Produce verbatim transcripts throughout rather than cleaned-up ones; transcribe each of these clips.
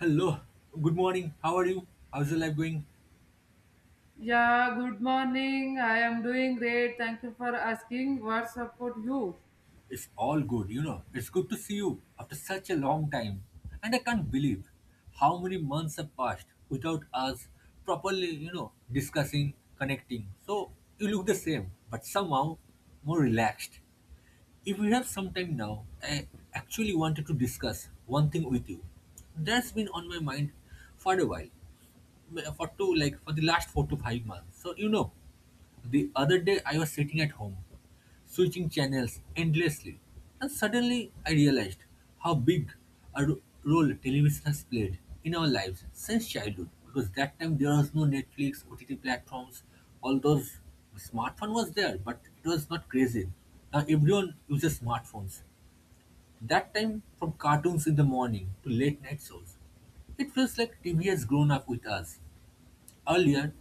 Hello, good morning. How are you? How's your life going? Yeah, good morning. I am doing great. Thank you for asking. What support you? It's all good, you know. It's good to see you after such a long time. And I can't believe how many months have passed without us properly, you know, discussing, connecting. So you look the same, but somehow more relaxed. If we have some time now, I actually wanted to discuss one thing with you. That's been on my mind for a while. For two like For the last four to five months, so you know the other day I was sitting at home switching channels endlessly, and suddenly I realized how big a ro- role television has played in our lives since childhood, because that time there was no Netflix, O T T platforms, all those. Smartphone was there but it was not crazy. Now everyone uses smartphones. That time, from cartoons in the morning to late night shows, it feels like T V has grown up with us. Earlier,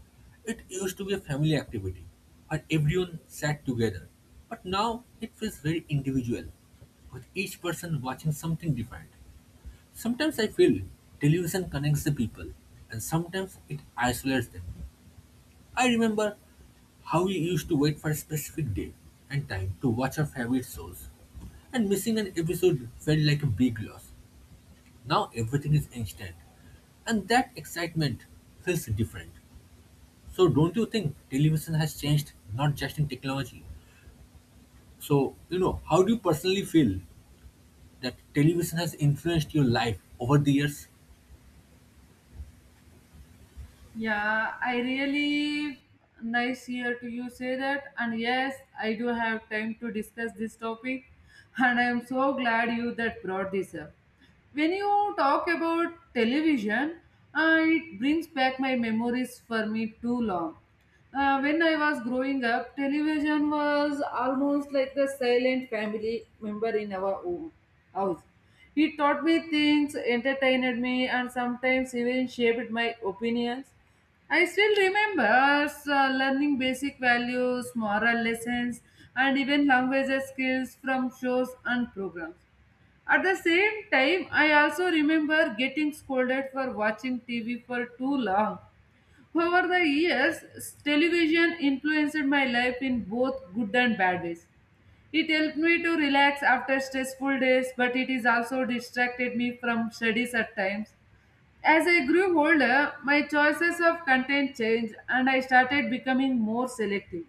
it used to be a family activity and everyone sat together. But now it feels very individual, with each person watching something different. Sometimes I feel television connects the people and sometimes it isolates them. I remember how we used to wait for a specific day and time to watch our favorite shows. And missing an episode felt like a big loss. Now everything is instant. And that excitement feels different. So don't you think television has changed not just in technology? So, you know, how do you personally feel that television has influenced your life over the years? Yeah, I really nice here to you say that. And yes, I do have time to discuss this topic. And I am so glad you that brought this up. When you talk about television, uh, it brings back my memories for me too long. Uh, when I was growing up, television was almost like the silent family member in our home, house. It taught me things, entertained me, and sometimes even shaped my opinions. I still remember us uh, learning basic values, moral lessons, and even language skills from shows and programs. At the same time, I also remember getting scolded for watching T V for too long. Over the years, s- television influenced my life in both good and bad ways. It helped me to relax after stressful days, but it is also distracted me from studies at times. As I grew older, my choices of content changed and I started becoming more selective.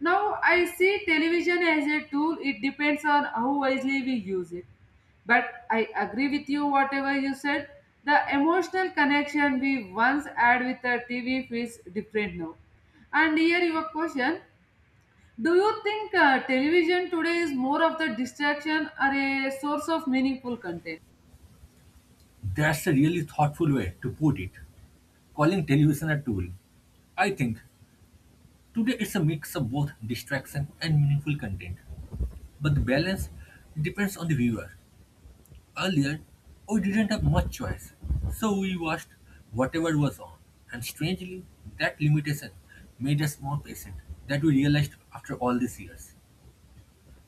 Now I see television as a tool, it depends on how wisely we use it. But I agree with you, whatever you said. The emotional connection we once had with the T V feels different now. And here your question: do you think uh, television today is more of the distraction or a source of meaningful content? That's a really thoughtful way to put it, calling television a tool. I think today it's a mix of both distraction and meaningful content, but the balance depends on the viewer. Earlier, we didn't have much choice, so we watched whatever was on. And strangely, that limitation made us more patient that we realized after all these years.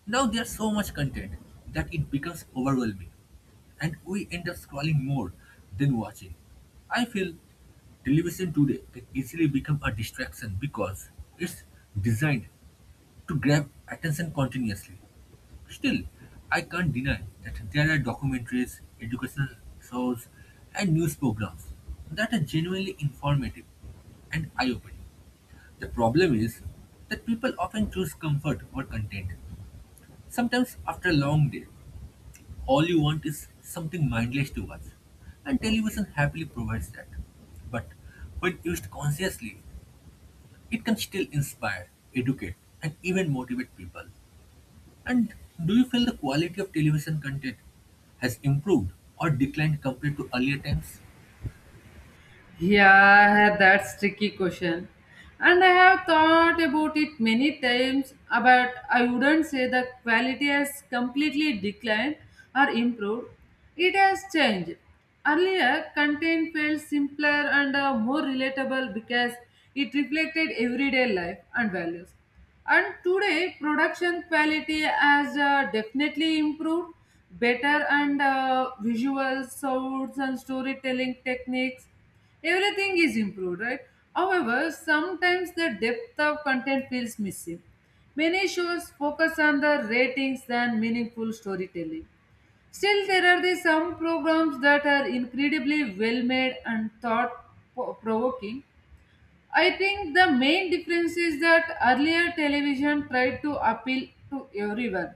Now there's so much content that it becomes overwhelming, and we end up scrolling more than watching. I feel television today can easily become a distraction because it's designed to grab attention continuously. Still, I can't deny that there are documentaries, educational shows, and news programs that are genuinely informative and eye opening. The problem is that people often choose comfort over content. Sometimes, after a long day, all you want is something mindless to watch, and television happily provides that. But when used consciously, it can still inspire, educate, and even motivate people. And do you feel the quality of television content has improved or declined compared to earlier times? Yeah, that's tricky question. And I have thought about it many times, but I wouldn't say the quality has completely declined or improved. It has changed. Earlier, content felt simpler and uh, more relatable because it reflected everyday life and values. And today, production quality has uh, definitely improved. Better and uh, visual sounds and storytelling techniques, everything is improved, right? However, sometimes the depth of content feels missing. Many shows focus on the ratings than meaningful storytelling. Still, there are the some programs that are incredibly well made and thought provoking. I think the main difference is that earlier television tried to appeal to everyone,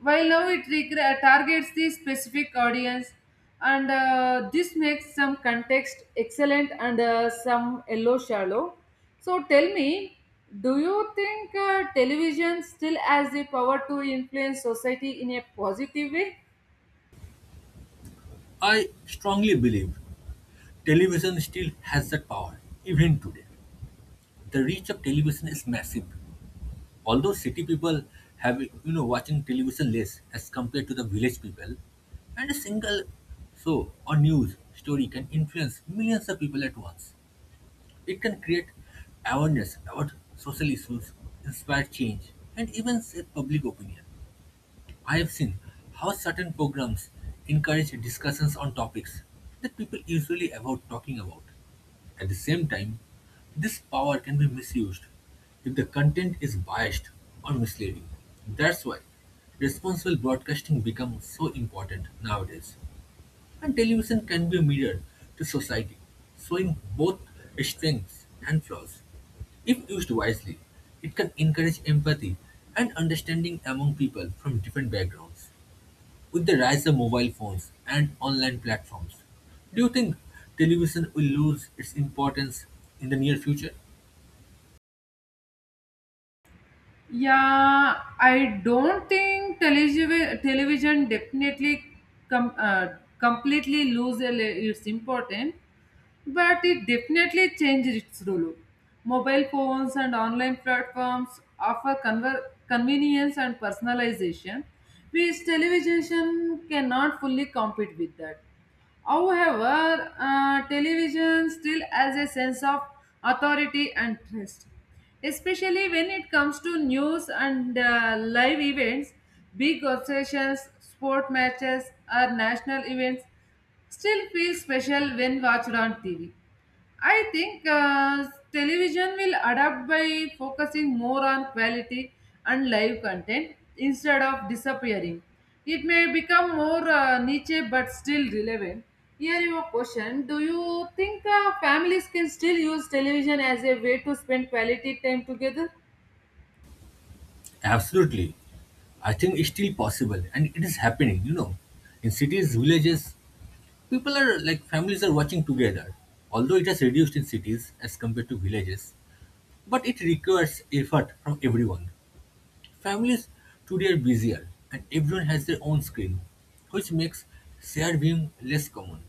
while now it regre- targets the specific audience, and uh, this makes some context excellent and uh, some yellow shallow. So tell me, do you think uh, television still has the power to influence society in a positive way? I strongly believe television still has that power, even today. The reach of television is massive. Although city people have you know watching television less as compared to the village people, and a single show or news story can influence millions of people at once. It can create awareness about social issues, inspire change, and even shape public opinion. I have seen how certain programs encourage discussions on topics that people usually avoid talking about. At the same time, this power can be misused if the content is biased or misleading. That's why responsible broadcasting becomes so important nowadays. And television can be a mirror to society, showing both strengths and flaws. If used wisely, it can encourage empathy and understanding among people from different backgrounds with the rise of mobile phones and online platforms, do you think television will lose its importance in the near future? Yeah, I don't think television television definitely com- uh, completely lose el- its importance but it definitely changed its role. Mobile phones and online platforms offer conver- convenience and personalization, which television cannot fully compete with that. However, uh, television still has a sense of authority and trust, especially when it comes to news and uh, live events, big obsessions, sport matches, or national events still feel special when watched on T V. I think uh, television will adapt by focusing more on quality and live content instead of disappearing. It may become more uh, niche but still relevant. Here's your question: do you think uh, families can still use television as a way to spend quality time together? Absolutely. I think it's still possible and it is happening, you know. In cities, villages, people are like families are watching together. Although it has reduced in cities as compared to villages, but it requires effort from everyone. Families today are busier and everyone has their own screen, which makes shared viewing less common.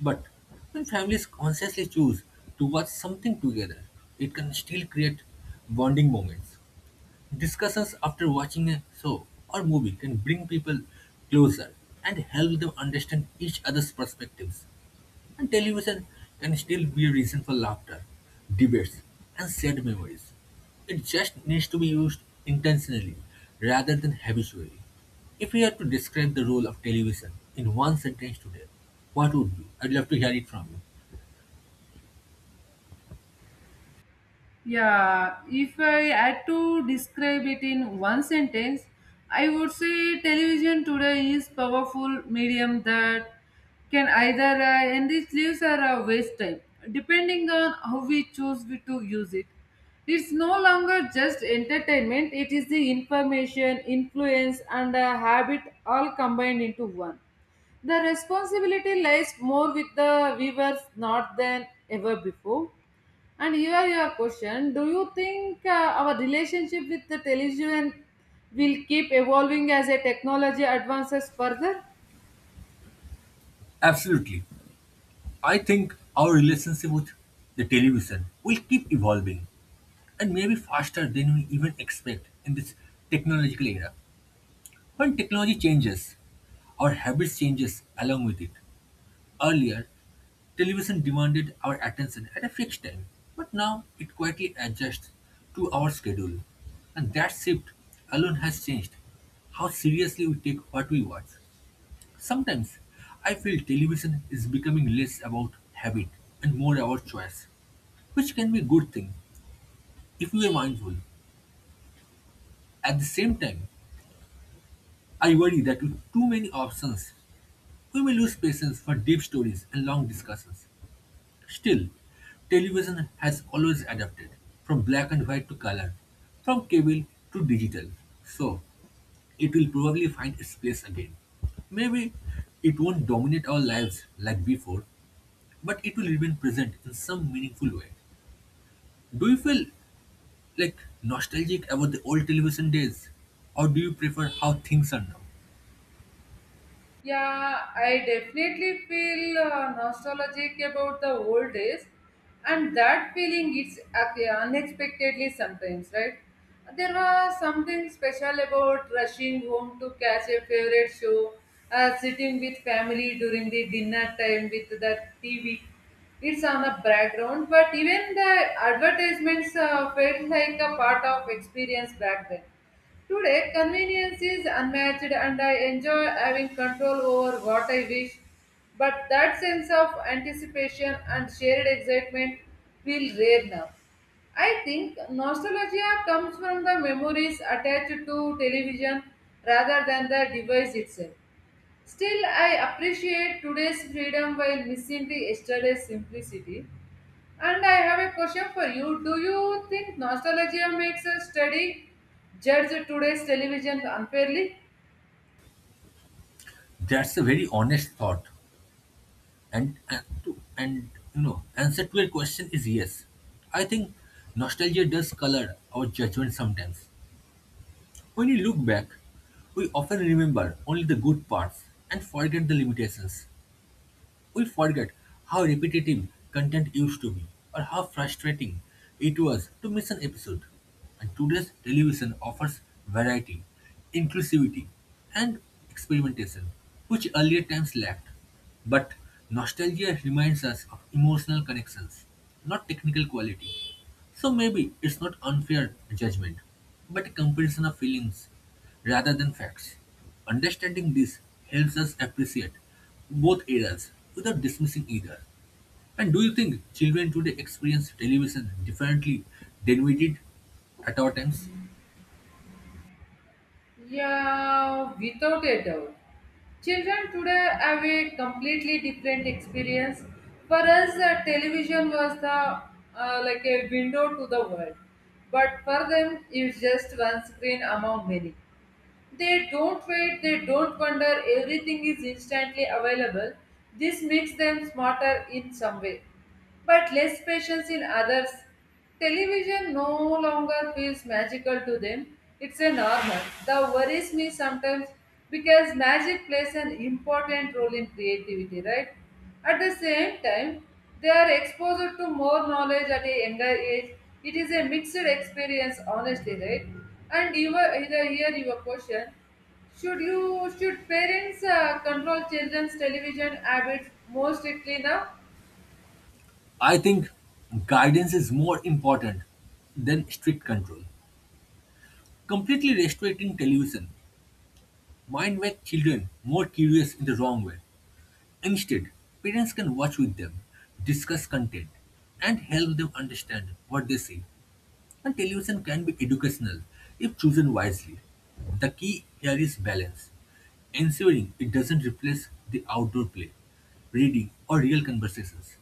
But when families consciously choose to watch something together, it can still create bonding moments. Discussions after watching a show or movie can bring people closer and help them understand each other's perspectives. And television can still be a reason for laughter, debates, and sad memories. It just needs to be used intentionally rather than habitually. If we had to describe the role of television in one sentence today, what would be? I'd love to hear it from you. Yeah, if I had to describe it in one sentence, I would say television today is powerful medium that can either uh, enrich lives or uh, waste time, depending on how we choose we to use it. It's no longer just entertainment; it is the information, influence, and uh, habit all combined into one. The responsibility lies more with the viewers not than ever before. And here your question: do you think uh, our relationship with the television will keep evolving as a technology advances further? Absolutely. I think our relationship with the television will keep evolving and maybe faster than we even expect in this technological era. When technology changes, our habits changes along with it. Earlier, television demanded our attention at a fixed time, but now it quietly adjusts to our schedule. And that shift alone has changed how seriously we take what we watch. Sometimes I feel television is becoming less about habit and more about choice, which can be a good thing if we are mindful. At the same time, I worry that with too many options, we may lose patience for deep stories and long discussions. Still, television has always adapted from black and white to color, from cable to digital. So, it will probably find its place again. Maybe it won't dominate our lives like before, but it will remain present in some meaningful way. Do you feel like nostalgic about the old television days, or do you prefer how things are now? Yeah, I definitely feel uh, nostalgic about the old days, and that feeling is ac- unexpectedly sometimes, right? There was something special about rushing home to catch a favorite show, uh, sitting with family during the dinner time with the T V. It's on the background, but even the advertisements uh, felt like a part of experience back then. Today, convenience is unmatched and I enjoy having control over what I wish. But that sense of anticipation and shared excitement feel rare now. I think nostalgia comes from the memories attached to television rather than the device itself. Still, I appreciate today's freedom while missing the yesterday's simplicity. And I have a question for you. Do you think nostalgia makes us study judge today's television unfairly? That's a very honest thought. And, and to and you know, answer to your question is yes. I think nostalgia does color our judgment sometimes. When we look back, we often remember only the good parts and forget the limitations. We forget how repetitive content used to be or how frustrating it was to miss an episode. And today's television offers variety, inclusivity, and experimentation, which earlier times lacked. But nostalgia reminds us of emotional connections, not technical quality. So maybe it's not unfair judgment, but a comparison of feelings rather than facts. Understanding this helps us appreciate both eras without dismissing either. And do you think children today experience television differently than we did at our times? Yeah, without a doubt. Children today have a completely different experience. For us, uh, television was the uh, like a window to the world, but for them, it's just one screen among many. They don't wait. They don't wonder. Everything is instantly available. This makes them smarter in some way but less patience in others. Television no longer feels magical to them, it's a normal. That worries me sometimes because magic plays an important role in creativity, right? At the same time, they are exposed to more knowledge at a younger age. It is a mixed experience, honestly, right? And you were here, here your question. Should you should parents uh, control children's television habits more strictly now? I think guidance is more important than strict control. Completely restricting television might make children more curious in the wrong way. Instead, parents can watch with them, discuss content, and help them understand what they see. And television can be educational if chosen wisely. The key here is balance, ensuring it doesn't replace the outdoor play, reading, or real conversations.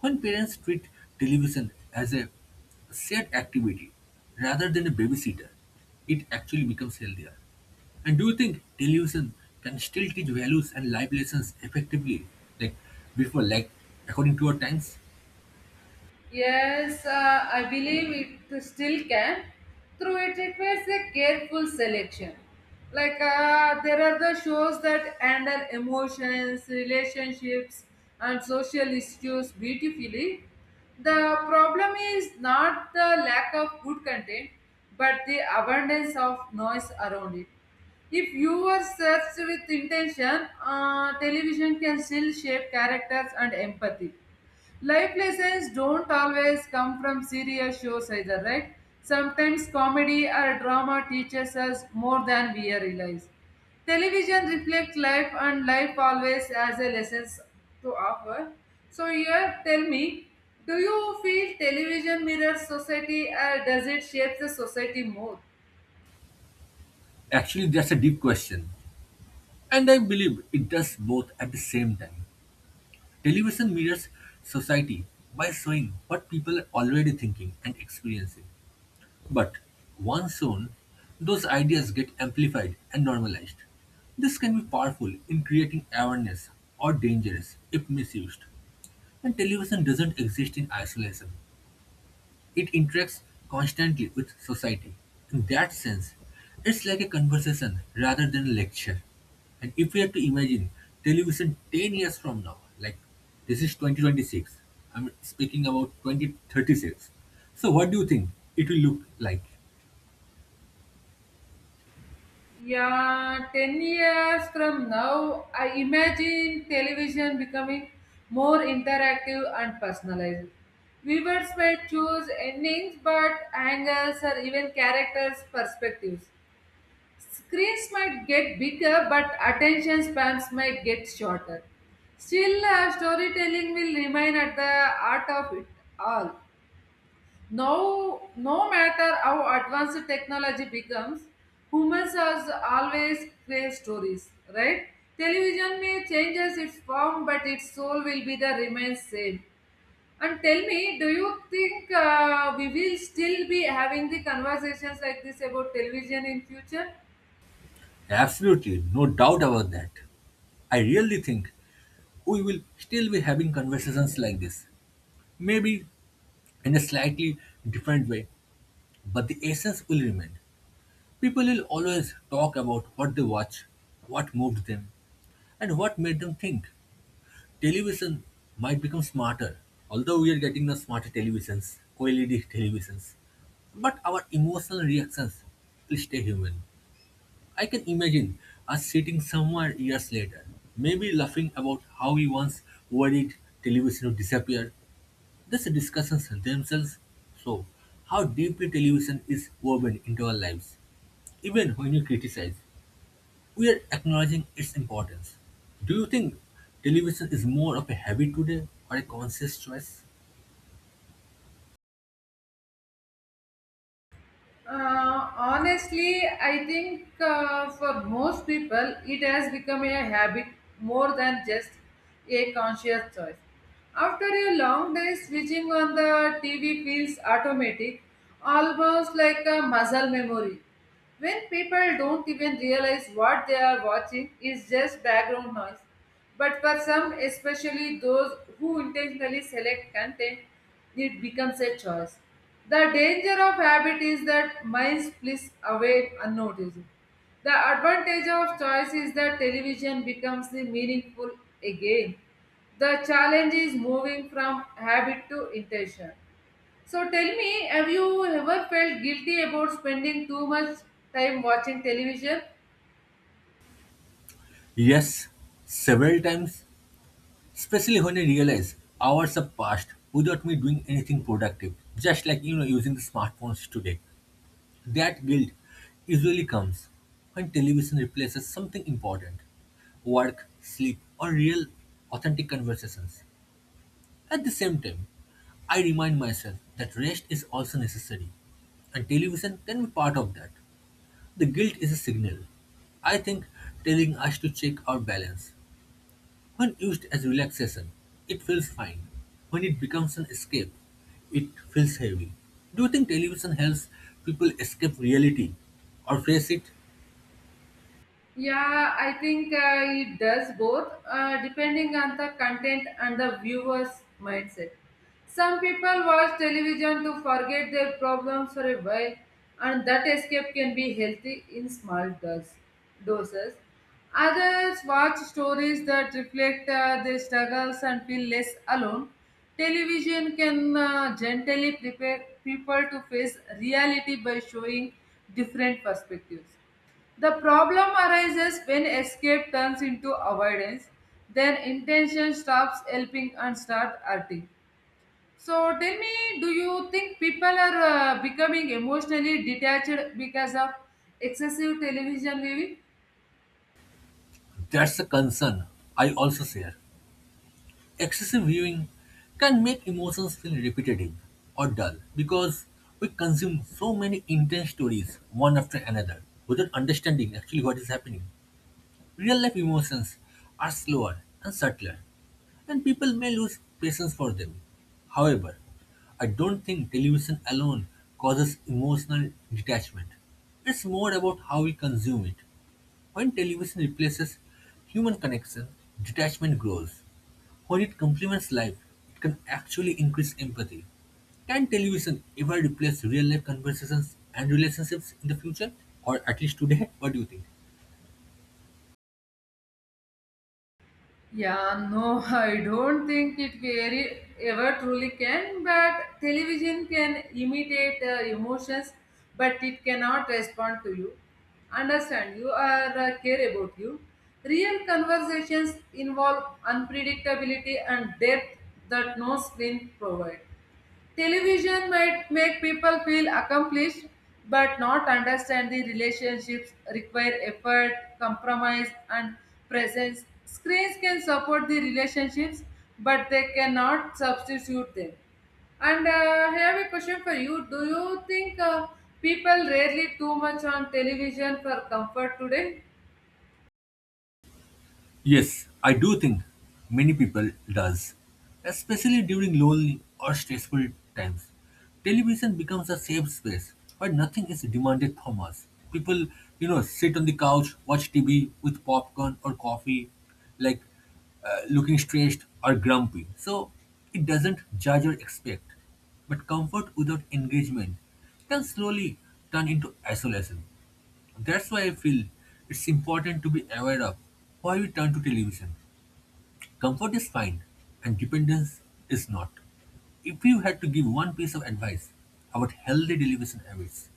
When parents treat television as a shared activity rather than a babysitter, it actually becomes healthier. And do you think television can still teach values and life lessons effectively, like before, like according to our times? Yes, uh, I believe it still can. Through it, it was a careful selection. Like uh, there are the shows that handle emotions, relationships, and social issues beautifully. The problem is not the lack of good content, but the abundance of noise around it. If you were searched with intention, uh, television can still shape characters and empathy. Life lessons don't always come from serious shows either, right? Sometimes comedy or drama teaches us more than we realize. Television reflects life and life always has a lessons to offer. So here tell me, do you feel television mirrors society or does it shape the society more? Actually, that's a deep question. And I believe it does both at the same time. Television mirrors society by showing what people are already thinking and experiencing. But once shown, those ideas get amplified and normalized. This can be powerful in creating awareness or dangerous if misused. And television doesn't exist in isolation. It interacts constantly with society. In that sense, it's like a conversation rather than a lecture. And if we have to imagine television ten years from now, like this is twenty twenty-six, I'm speaking about twenty thirty-six. So, what do you think it will look like? Yeah, ten years from now, I imagine television becoming more interactive and personalized. Viewers may choose endings, but angles or even characters' perspectives. Screens might get bigger, but attention spans might get shorter. Still, uh, storytelling will remain at the heart of it all. No, no matter how advanced technology becomes, humans are always crave stories, right? Television may changes its form, but its soul will be the remains same. And tell me, do you think uh, we will still be having the conversations like this about television in future? Absolutely, no doubt about that. I really think we will still be having conversations like this. Maybe in a slightly different way, but the essence will remain. People will always talk about what they watch, what moved them, and what made them think. Television might become smarter, although we are getting the smarter televisions, O L E D televisions. But our emotional reactions will stay human. I can imagine us sitting somewhere years later, maybe laughing about how we once worried television would disappear these discussions themselves show how deeply television is woven into our lives. Even when we criticize, we are acknowledging its importance. Do you think television is more of a habit today or a conscious choice? Uh, honestly, I think uh, for most people, it has become a habit more than just a conscious choice. After a long day, switching on the T V feels automatic, almost like a muscle memory when people don't even realize what they are watching is just background noise. But for some, especially those who intentionally select content, it becomes a choice. The danger of habit is that minds flips away unnoticed. The advantage of choice is that television becomes the meaningful again. The challenge is moving from habit to intention. So tell me, have you ever felt guilty about spending too much time watching television? Yes, several times, especially when I realize hours have passed without me doing anything productive, just like you know using the smartphones today. That guilt usually comes when television replaces something important work, sleep, or real, authentic conversations. At the same time, I remind myself that rest is also necessary, and television can be part of that. The guilt is a signal. I think telling us to check our balance, when used as relaxation, it feels fine. When it becomes an escape, it feels heavy. Do you think television helps people escape reality or face it? Yeah, I think uh, it does both, uh, depending on the content and the viewer's mindset. Some people watch television to forget their problems for a while, and that escape can be healthy in small dose, doses. Others watch stories that reflect uh, their struggles and feel less alone. Television can uh, gently prepare people to face reality by showing different perspectives. The problem arises when escape turns into avoidance, then intention stops helping and start hurting. So tell me, do you think people are uh, becoming emotionally detached because of excessive television viewing? That's a concern I also share. Excessive viewing can make emotions feel repetitive or dull because we consume so many intense stories one after another without understanding actually what is happening. Real life emotions are slower and subtler, and people may lose patience for them. However, I don't think television alone causes emotional detachment. It's more about how we consume it. When television replaces human connection, detachment grows. When it complements life, it can actually increase empathy. Can television ever replace real life conversations and relationships in the future, or at least today? What do you think? Yeah, no, I don't think it very ever truly can, but television can imitate uh, emotions, but it cannot respond to you, understand you, or uh, care about you. Real conversations involve unpredictability and depth that no screen provides. Television might make people feel accomplished but not understand the relationships require effort, compromise, and presence. Screens can support the relationships but they cannot substitute them. And uh, I have a question for you. Do you think uh, people rarely too much on television for comfort today? Yes, I do think many people does, especially during lonely or stressful times. Television becomes a safe space where nothing is demanded from us. People, you know, sit on the couch, watch T V with popcorn or coffee, like uh, looking stressed or grumpy. So it doesn't judge or expect. But comfort without engagement can slowly turn into isolation. That's why I feel it's important to be aware of why we turn to television. Comfort is fine, and dependence is not. If you had to give one piece of advice about healthy television habits,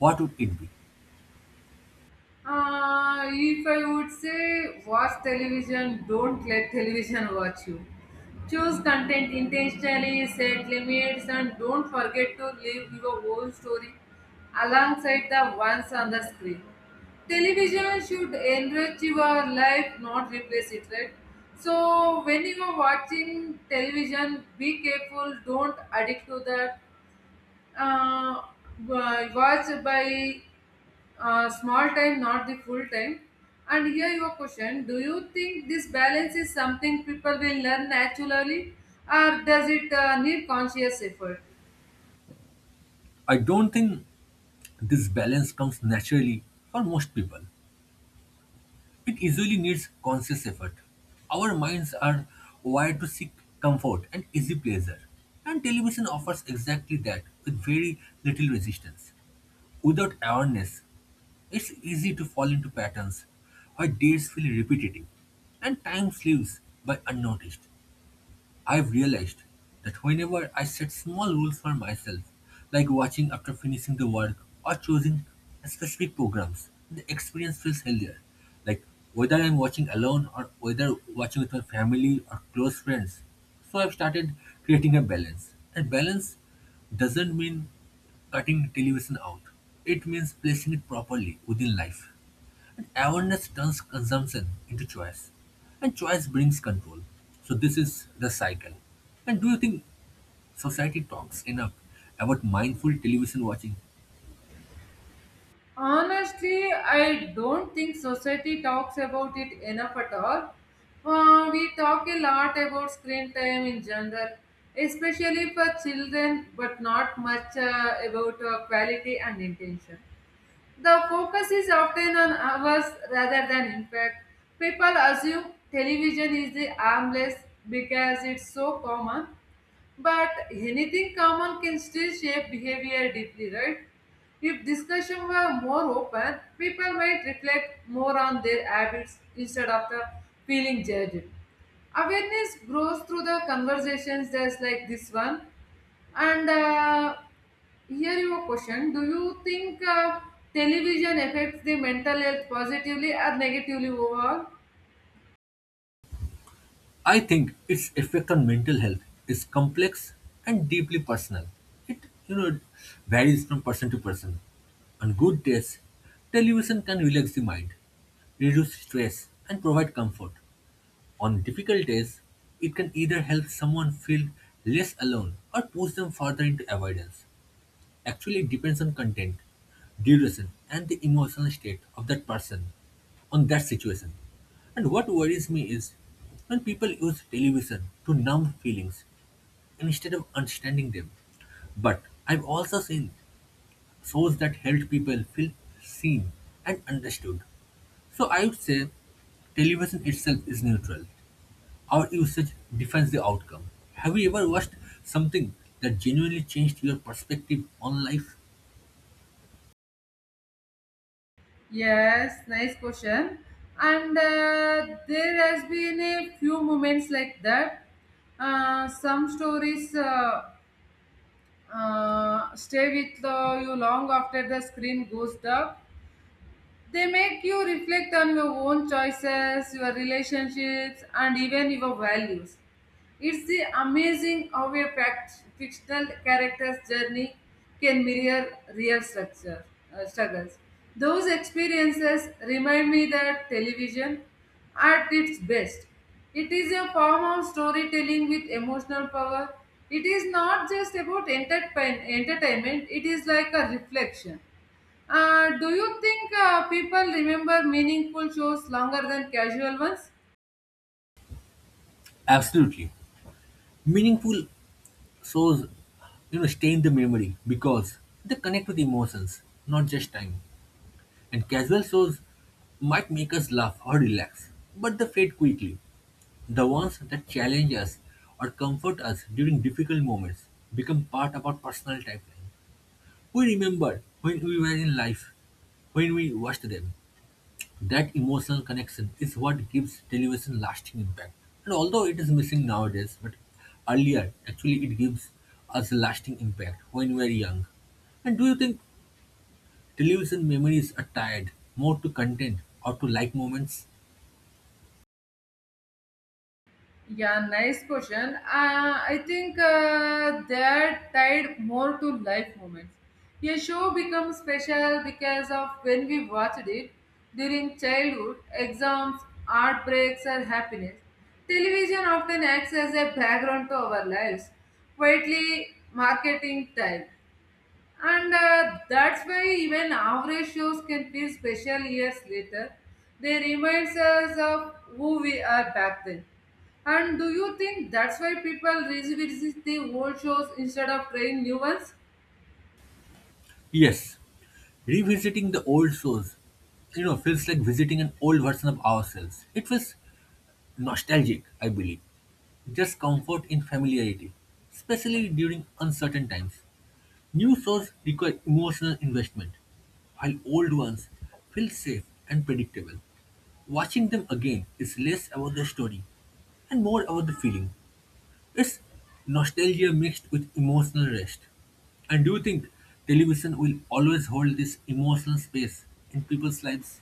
what would it be? Uh, if I would say watch television, don't let television watch you. Choose content intentionally, set limits, and don't forget to live your own story alongside the ones on the screen. Television should enrich your life, not replace it, right? So, when you are watching television, be careful, don't addict to that. Uh, wa- watch by uh, small time, not the full time. And here your question: do you think this balance is something people will learn naturally, or does it uh, need conscious effort? I don't think this balance comes naturally for most people. It usually needs conscious effort. Our minds are wired to seek comfort and easy pleasure, and television offers exactly that with very little resistance. Without awareness, it's easy to fall into patterns where days feel repetitive and time slips by unnoticed. I've realized that whenever I set small rules for myself, like watching after finishing the work or choosing specific programs, the experience feels healthier. Like whether I'm watching alone or whether watching with my family or close friends. So I've started creating a balance. And balance doesn't mean cutting television out, it means placing it properly within life. Awareness turns consumption into choice, and choice brings control. So, this is the cycle. And do you think society talks enough about mindful television watching? Honestly, I don't think society talks about it enough at all. Uh, we talk a lot about screen time in general, especially for children, but not much uh, about uh, quality and intention. The focus is often on hours rather than impact. People assume television is the harmless because it's so common, but anything common can still shape behavior deeply, right? If discussion were more open, people might reflect more on their habits instead of the feeling judged. Awareness grows through the conversations just like this one, and uh, here your question. Do you think uh, television affects the mental health positively or negatively overall? I think its effect on mental health is complex and deeply personal. It, you know, varies from person to person. On good days, television can relax the mind, reduce stress, and provide comfort. On difficult days, it can either help someone feel less alone or push them further into avoidance. Actually, it depends on content, duration, and the emotional state of that person on that situation. And what worries me is when people use television to numb feelings instead of understanding them. But I've also seen shows that helped people feel seen and understood. So I would say television itself is neutral. Our usage defines the outcome. Have you ever watched something that genuinely changed your perspective on life? Yes, nice question. And uh, there has been a few moments like that. Uh, some stories uh, uh, stay with uh, you long after the screen goes dark. They make you reflect on your own choices, your relationships, and even your values. It's the amazing how a fact- fictional character's journey can mirror real structure, uh, struggles. Those experiences remind me that television, at its best, it is a form of storytelling with emotional power. It is not just about entertain- entertainment, it is like a reflection. Uh, do you think uh, people remember meaningful shows longer than casual ones? Absolutely. Meaningful shows, you know, stay in the memory because they connect with emotions, not just time. And casual shows might make us laugh or relax, but they fade quickly. The ones that challenge us or comfort us during difficult moments become part of our personal timeline. We remember when we were in life, when we watched them, that emotional connection is what gives television lasting impact. And although it is missing nowadays, but earlier actually it gives us lasting impact when we are young. And do you think television memories are tied more to content or to like moments? Yeah, nice question. Uh, I think uh, they're tied more to life moments. A show becomes special because of when we watched it during childhood, exams, heartbreaks, or happiness. Television often acts as a background to our lives, quietly marketing time. And uh, that's why even average shows can feel special years later. They remind us of who we are back then. And do you think that's why people revisit the old shows instead of trying new ones? Yes, revisiting the old shows, you know, feels like visiting an old version of ourselves. It feels nostalgic, I believe. Just comfort in familiarity, especially during uncertain times. New shows require emotional investment, while old ones feel safe and predictable. Watching them again is less about the story and more about the feeling. It's nostalgia mixed with emotional rest. And do you think television will always hold this emotional space in people's lives?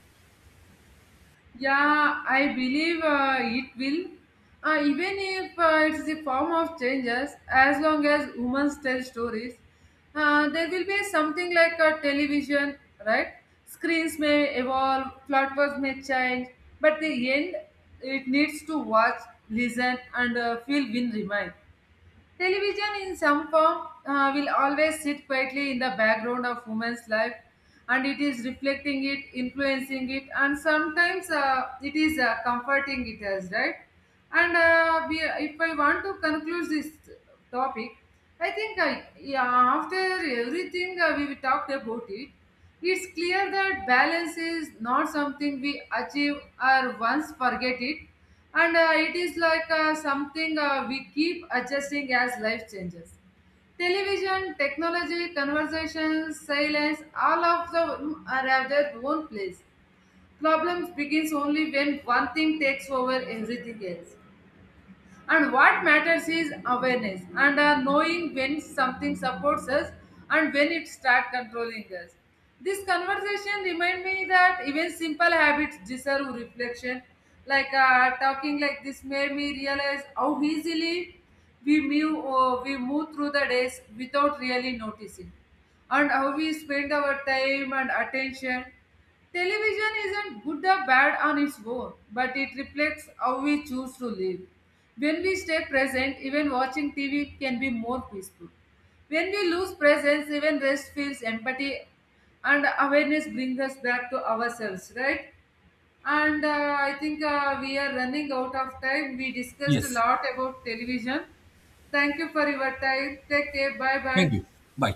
Yeah, I believe uh, it will. Uh, even if uh, it's the form of changes, as long as humans tell stories, uh, there will be something like a television, right? Screens may evolve, platforms may change, but the end, it needs to watch, listen, and uh, feel will remain. Television, in some form, uh, will always sit quietly in the background of women's life, and it is reflecting it, influencing it, and sometimes uh, it is uh, comforting it as right. And uh, we, if I want to conclude this topic, I think I yeah, after everything uh, we talked about it, it's clear that balance is not something we achieve or once forget it, and uh, it is like uh, something uh, we keep adjusting as life changes. Television, technology, conversations, silence, all of them are at their own place. Problems begins only when one thing takes over everything else, and what matters is awareness and uh, knowing when something supports us and when it starts controlling us. This conversation remind me that even simple habits deserve reflection. Like uh, talking like this made me realize how easily we move, uh, we move through the days without really noticing, and how we spend our time and attention. Television isn't good or bad on its own, but it reflects how we choose to live. When we stay present, even watching T V can be more peaceful. When we lose presence, even rest feels empty, and awareness brings us back to ourselves, right? And uh, I think uh, we are running out of time. We discussed a Yes. lot about television. Thank you for your time. Take care. Bye bye. Thank you. Bye.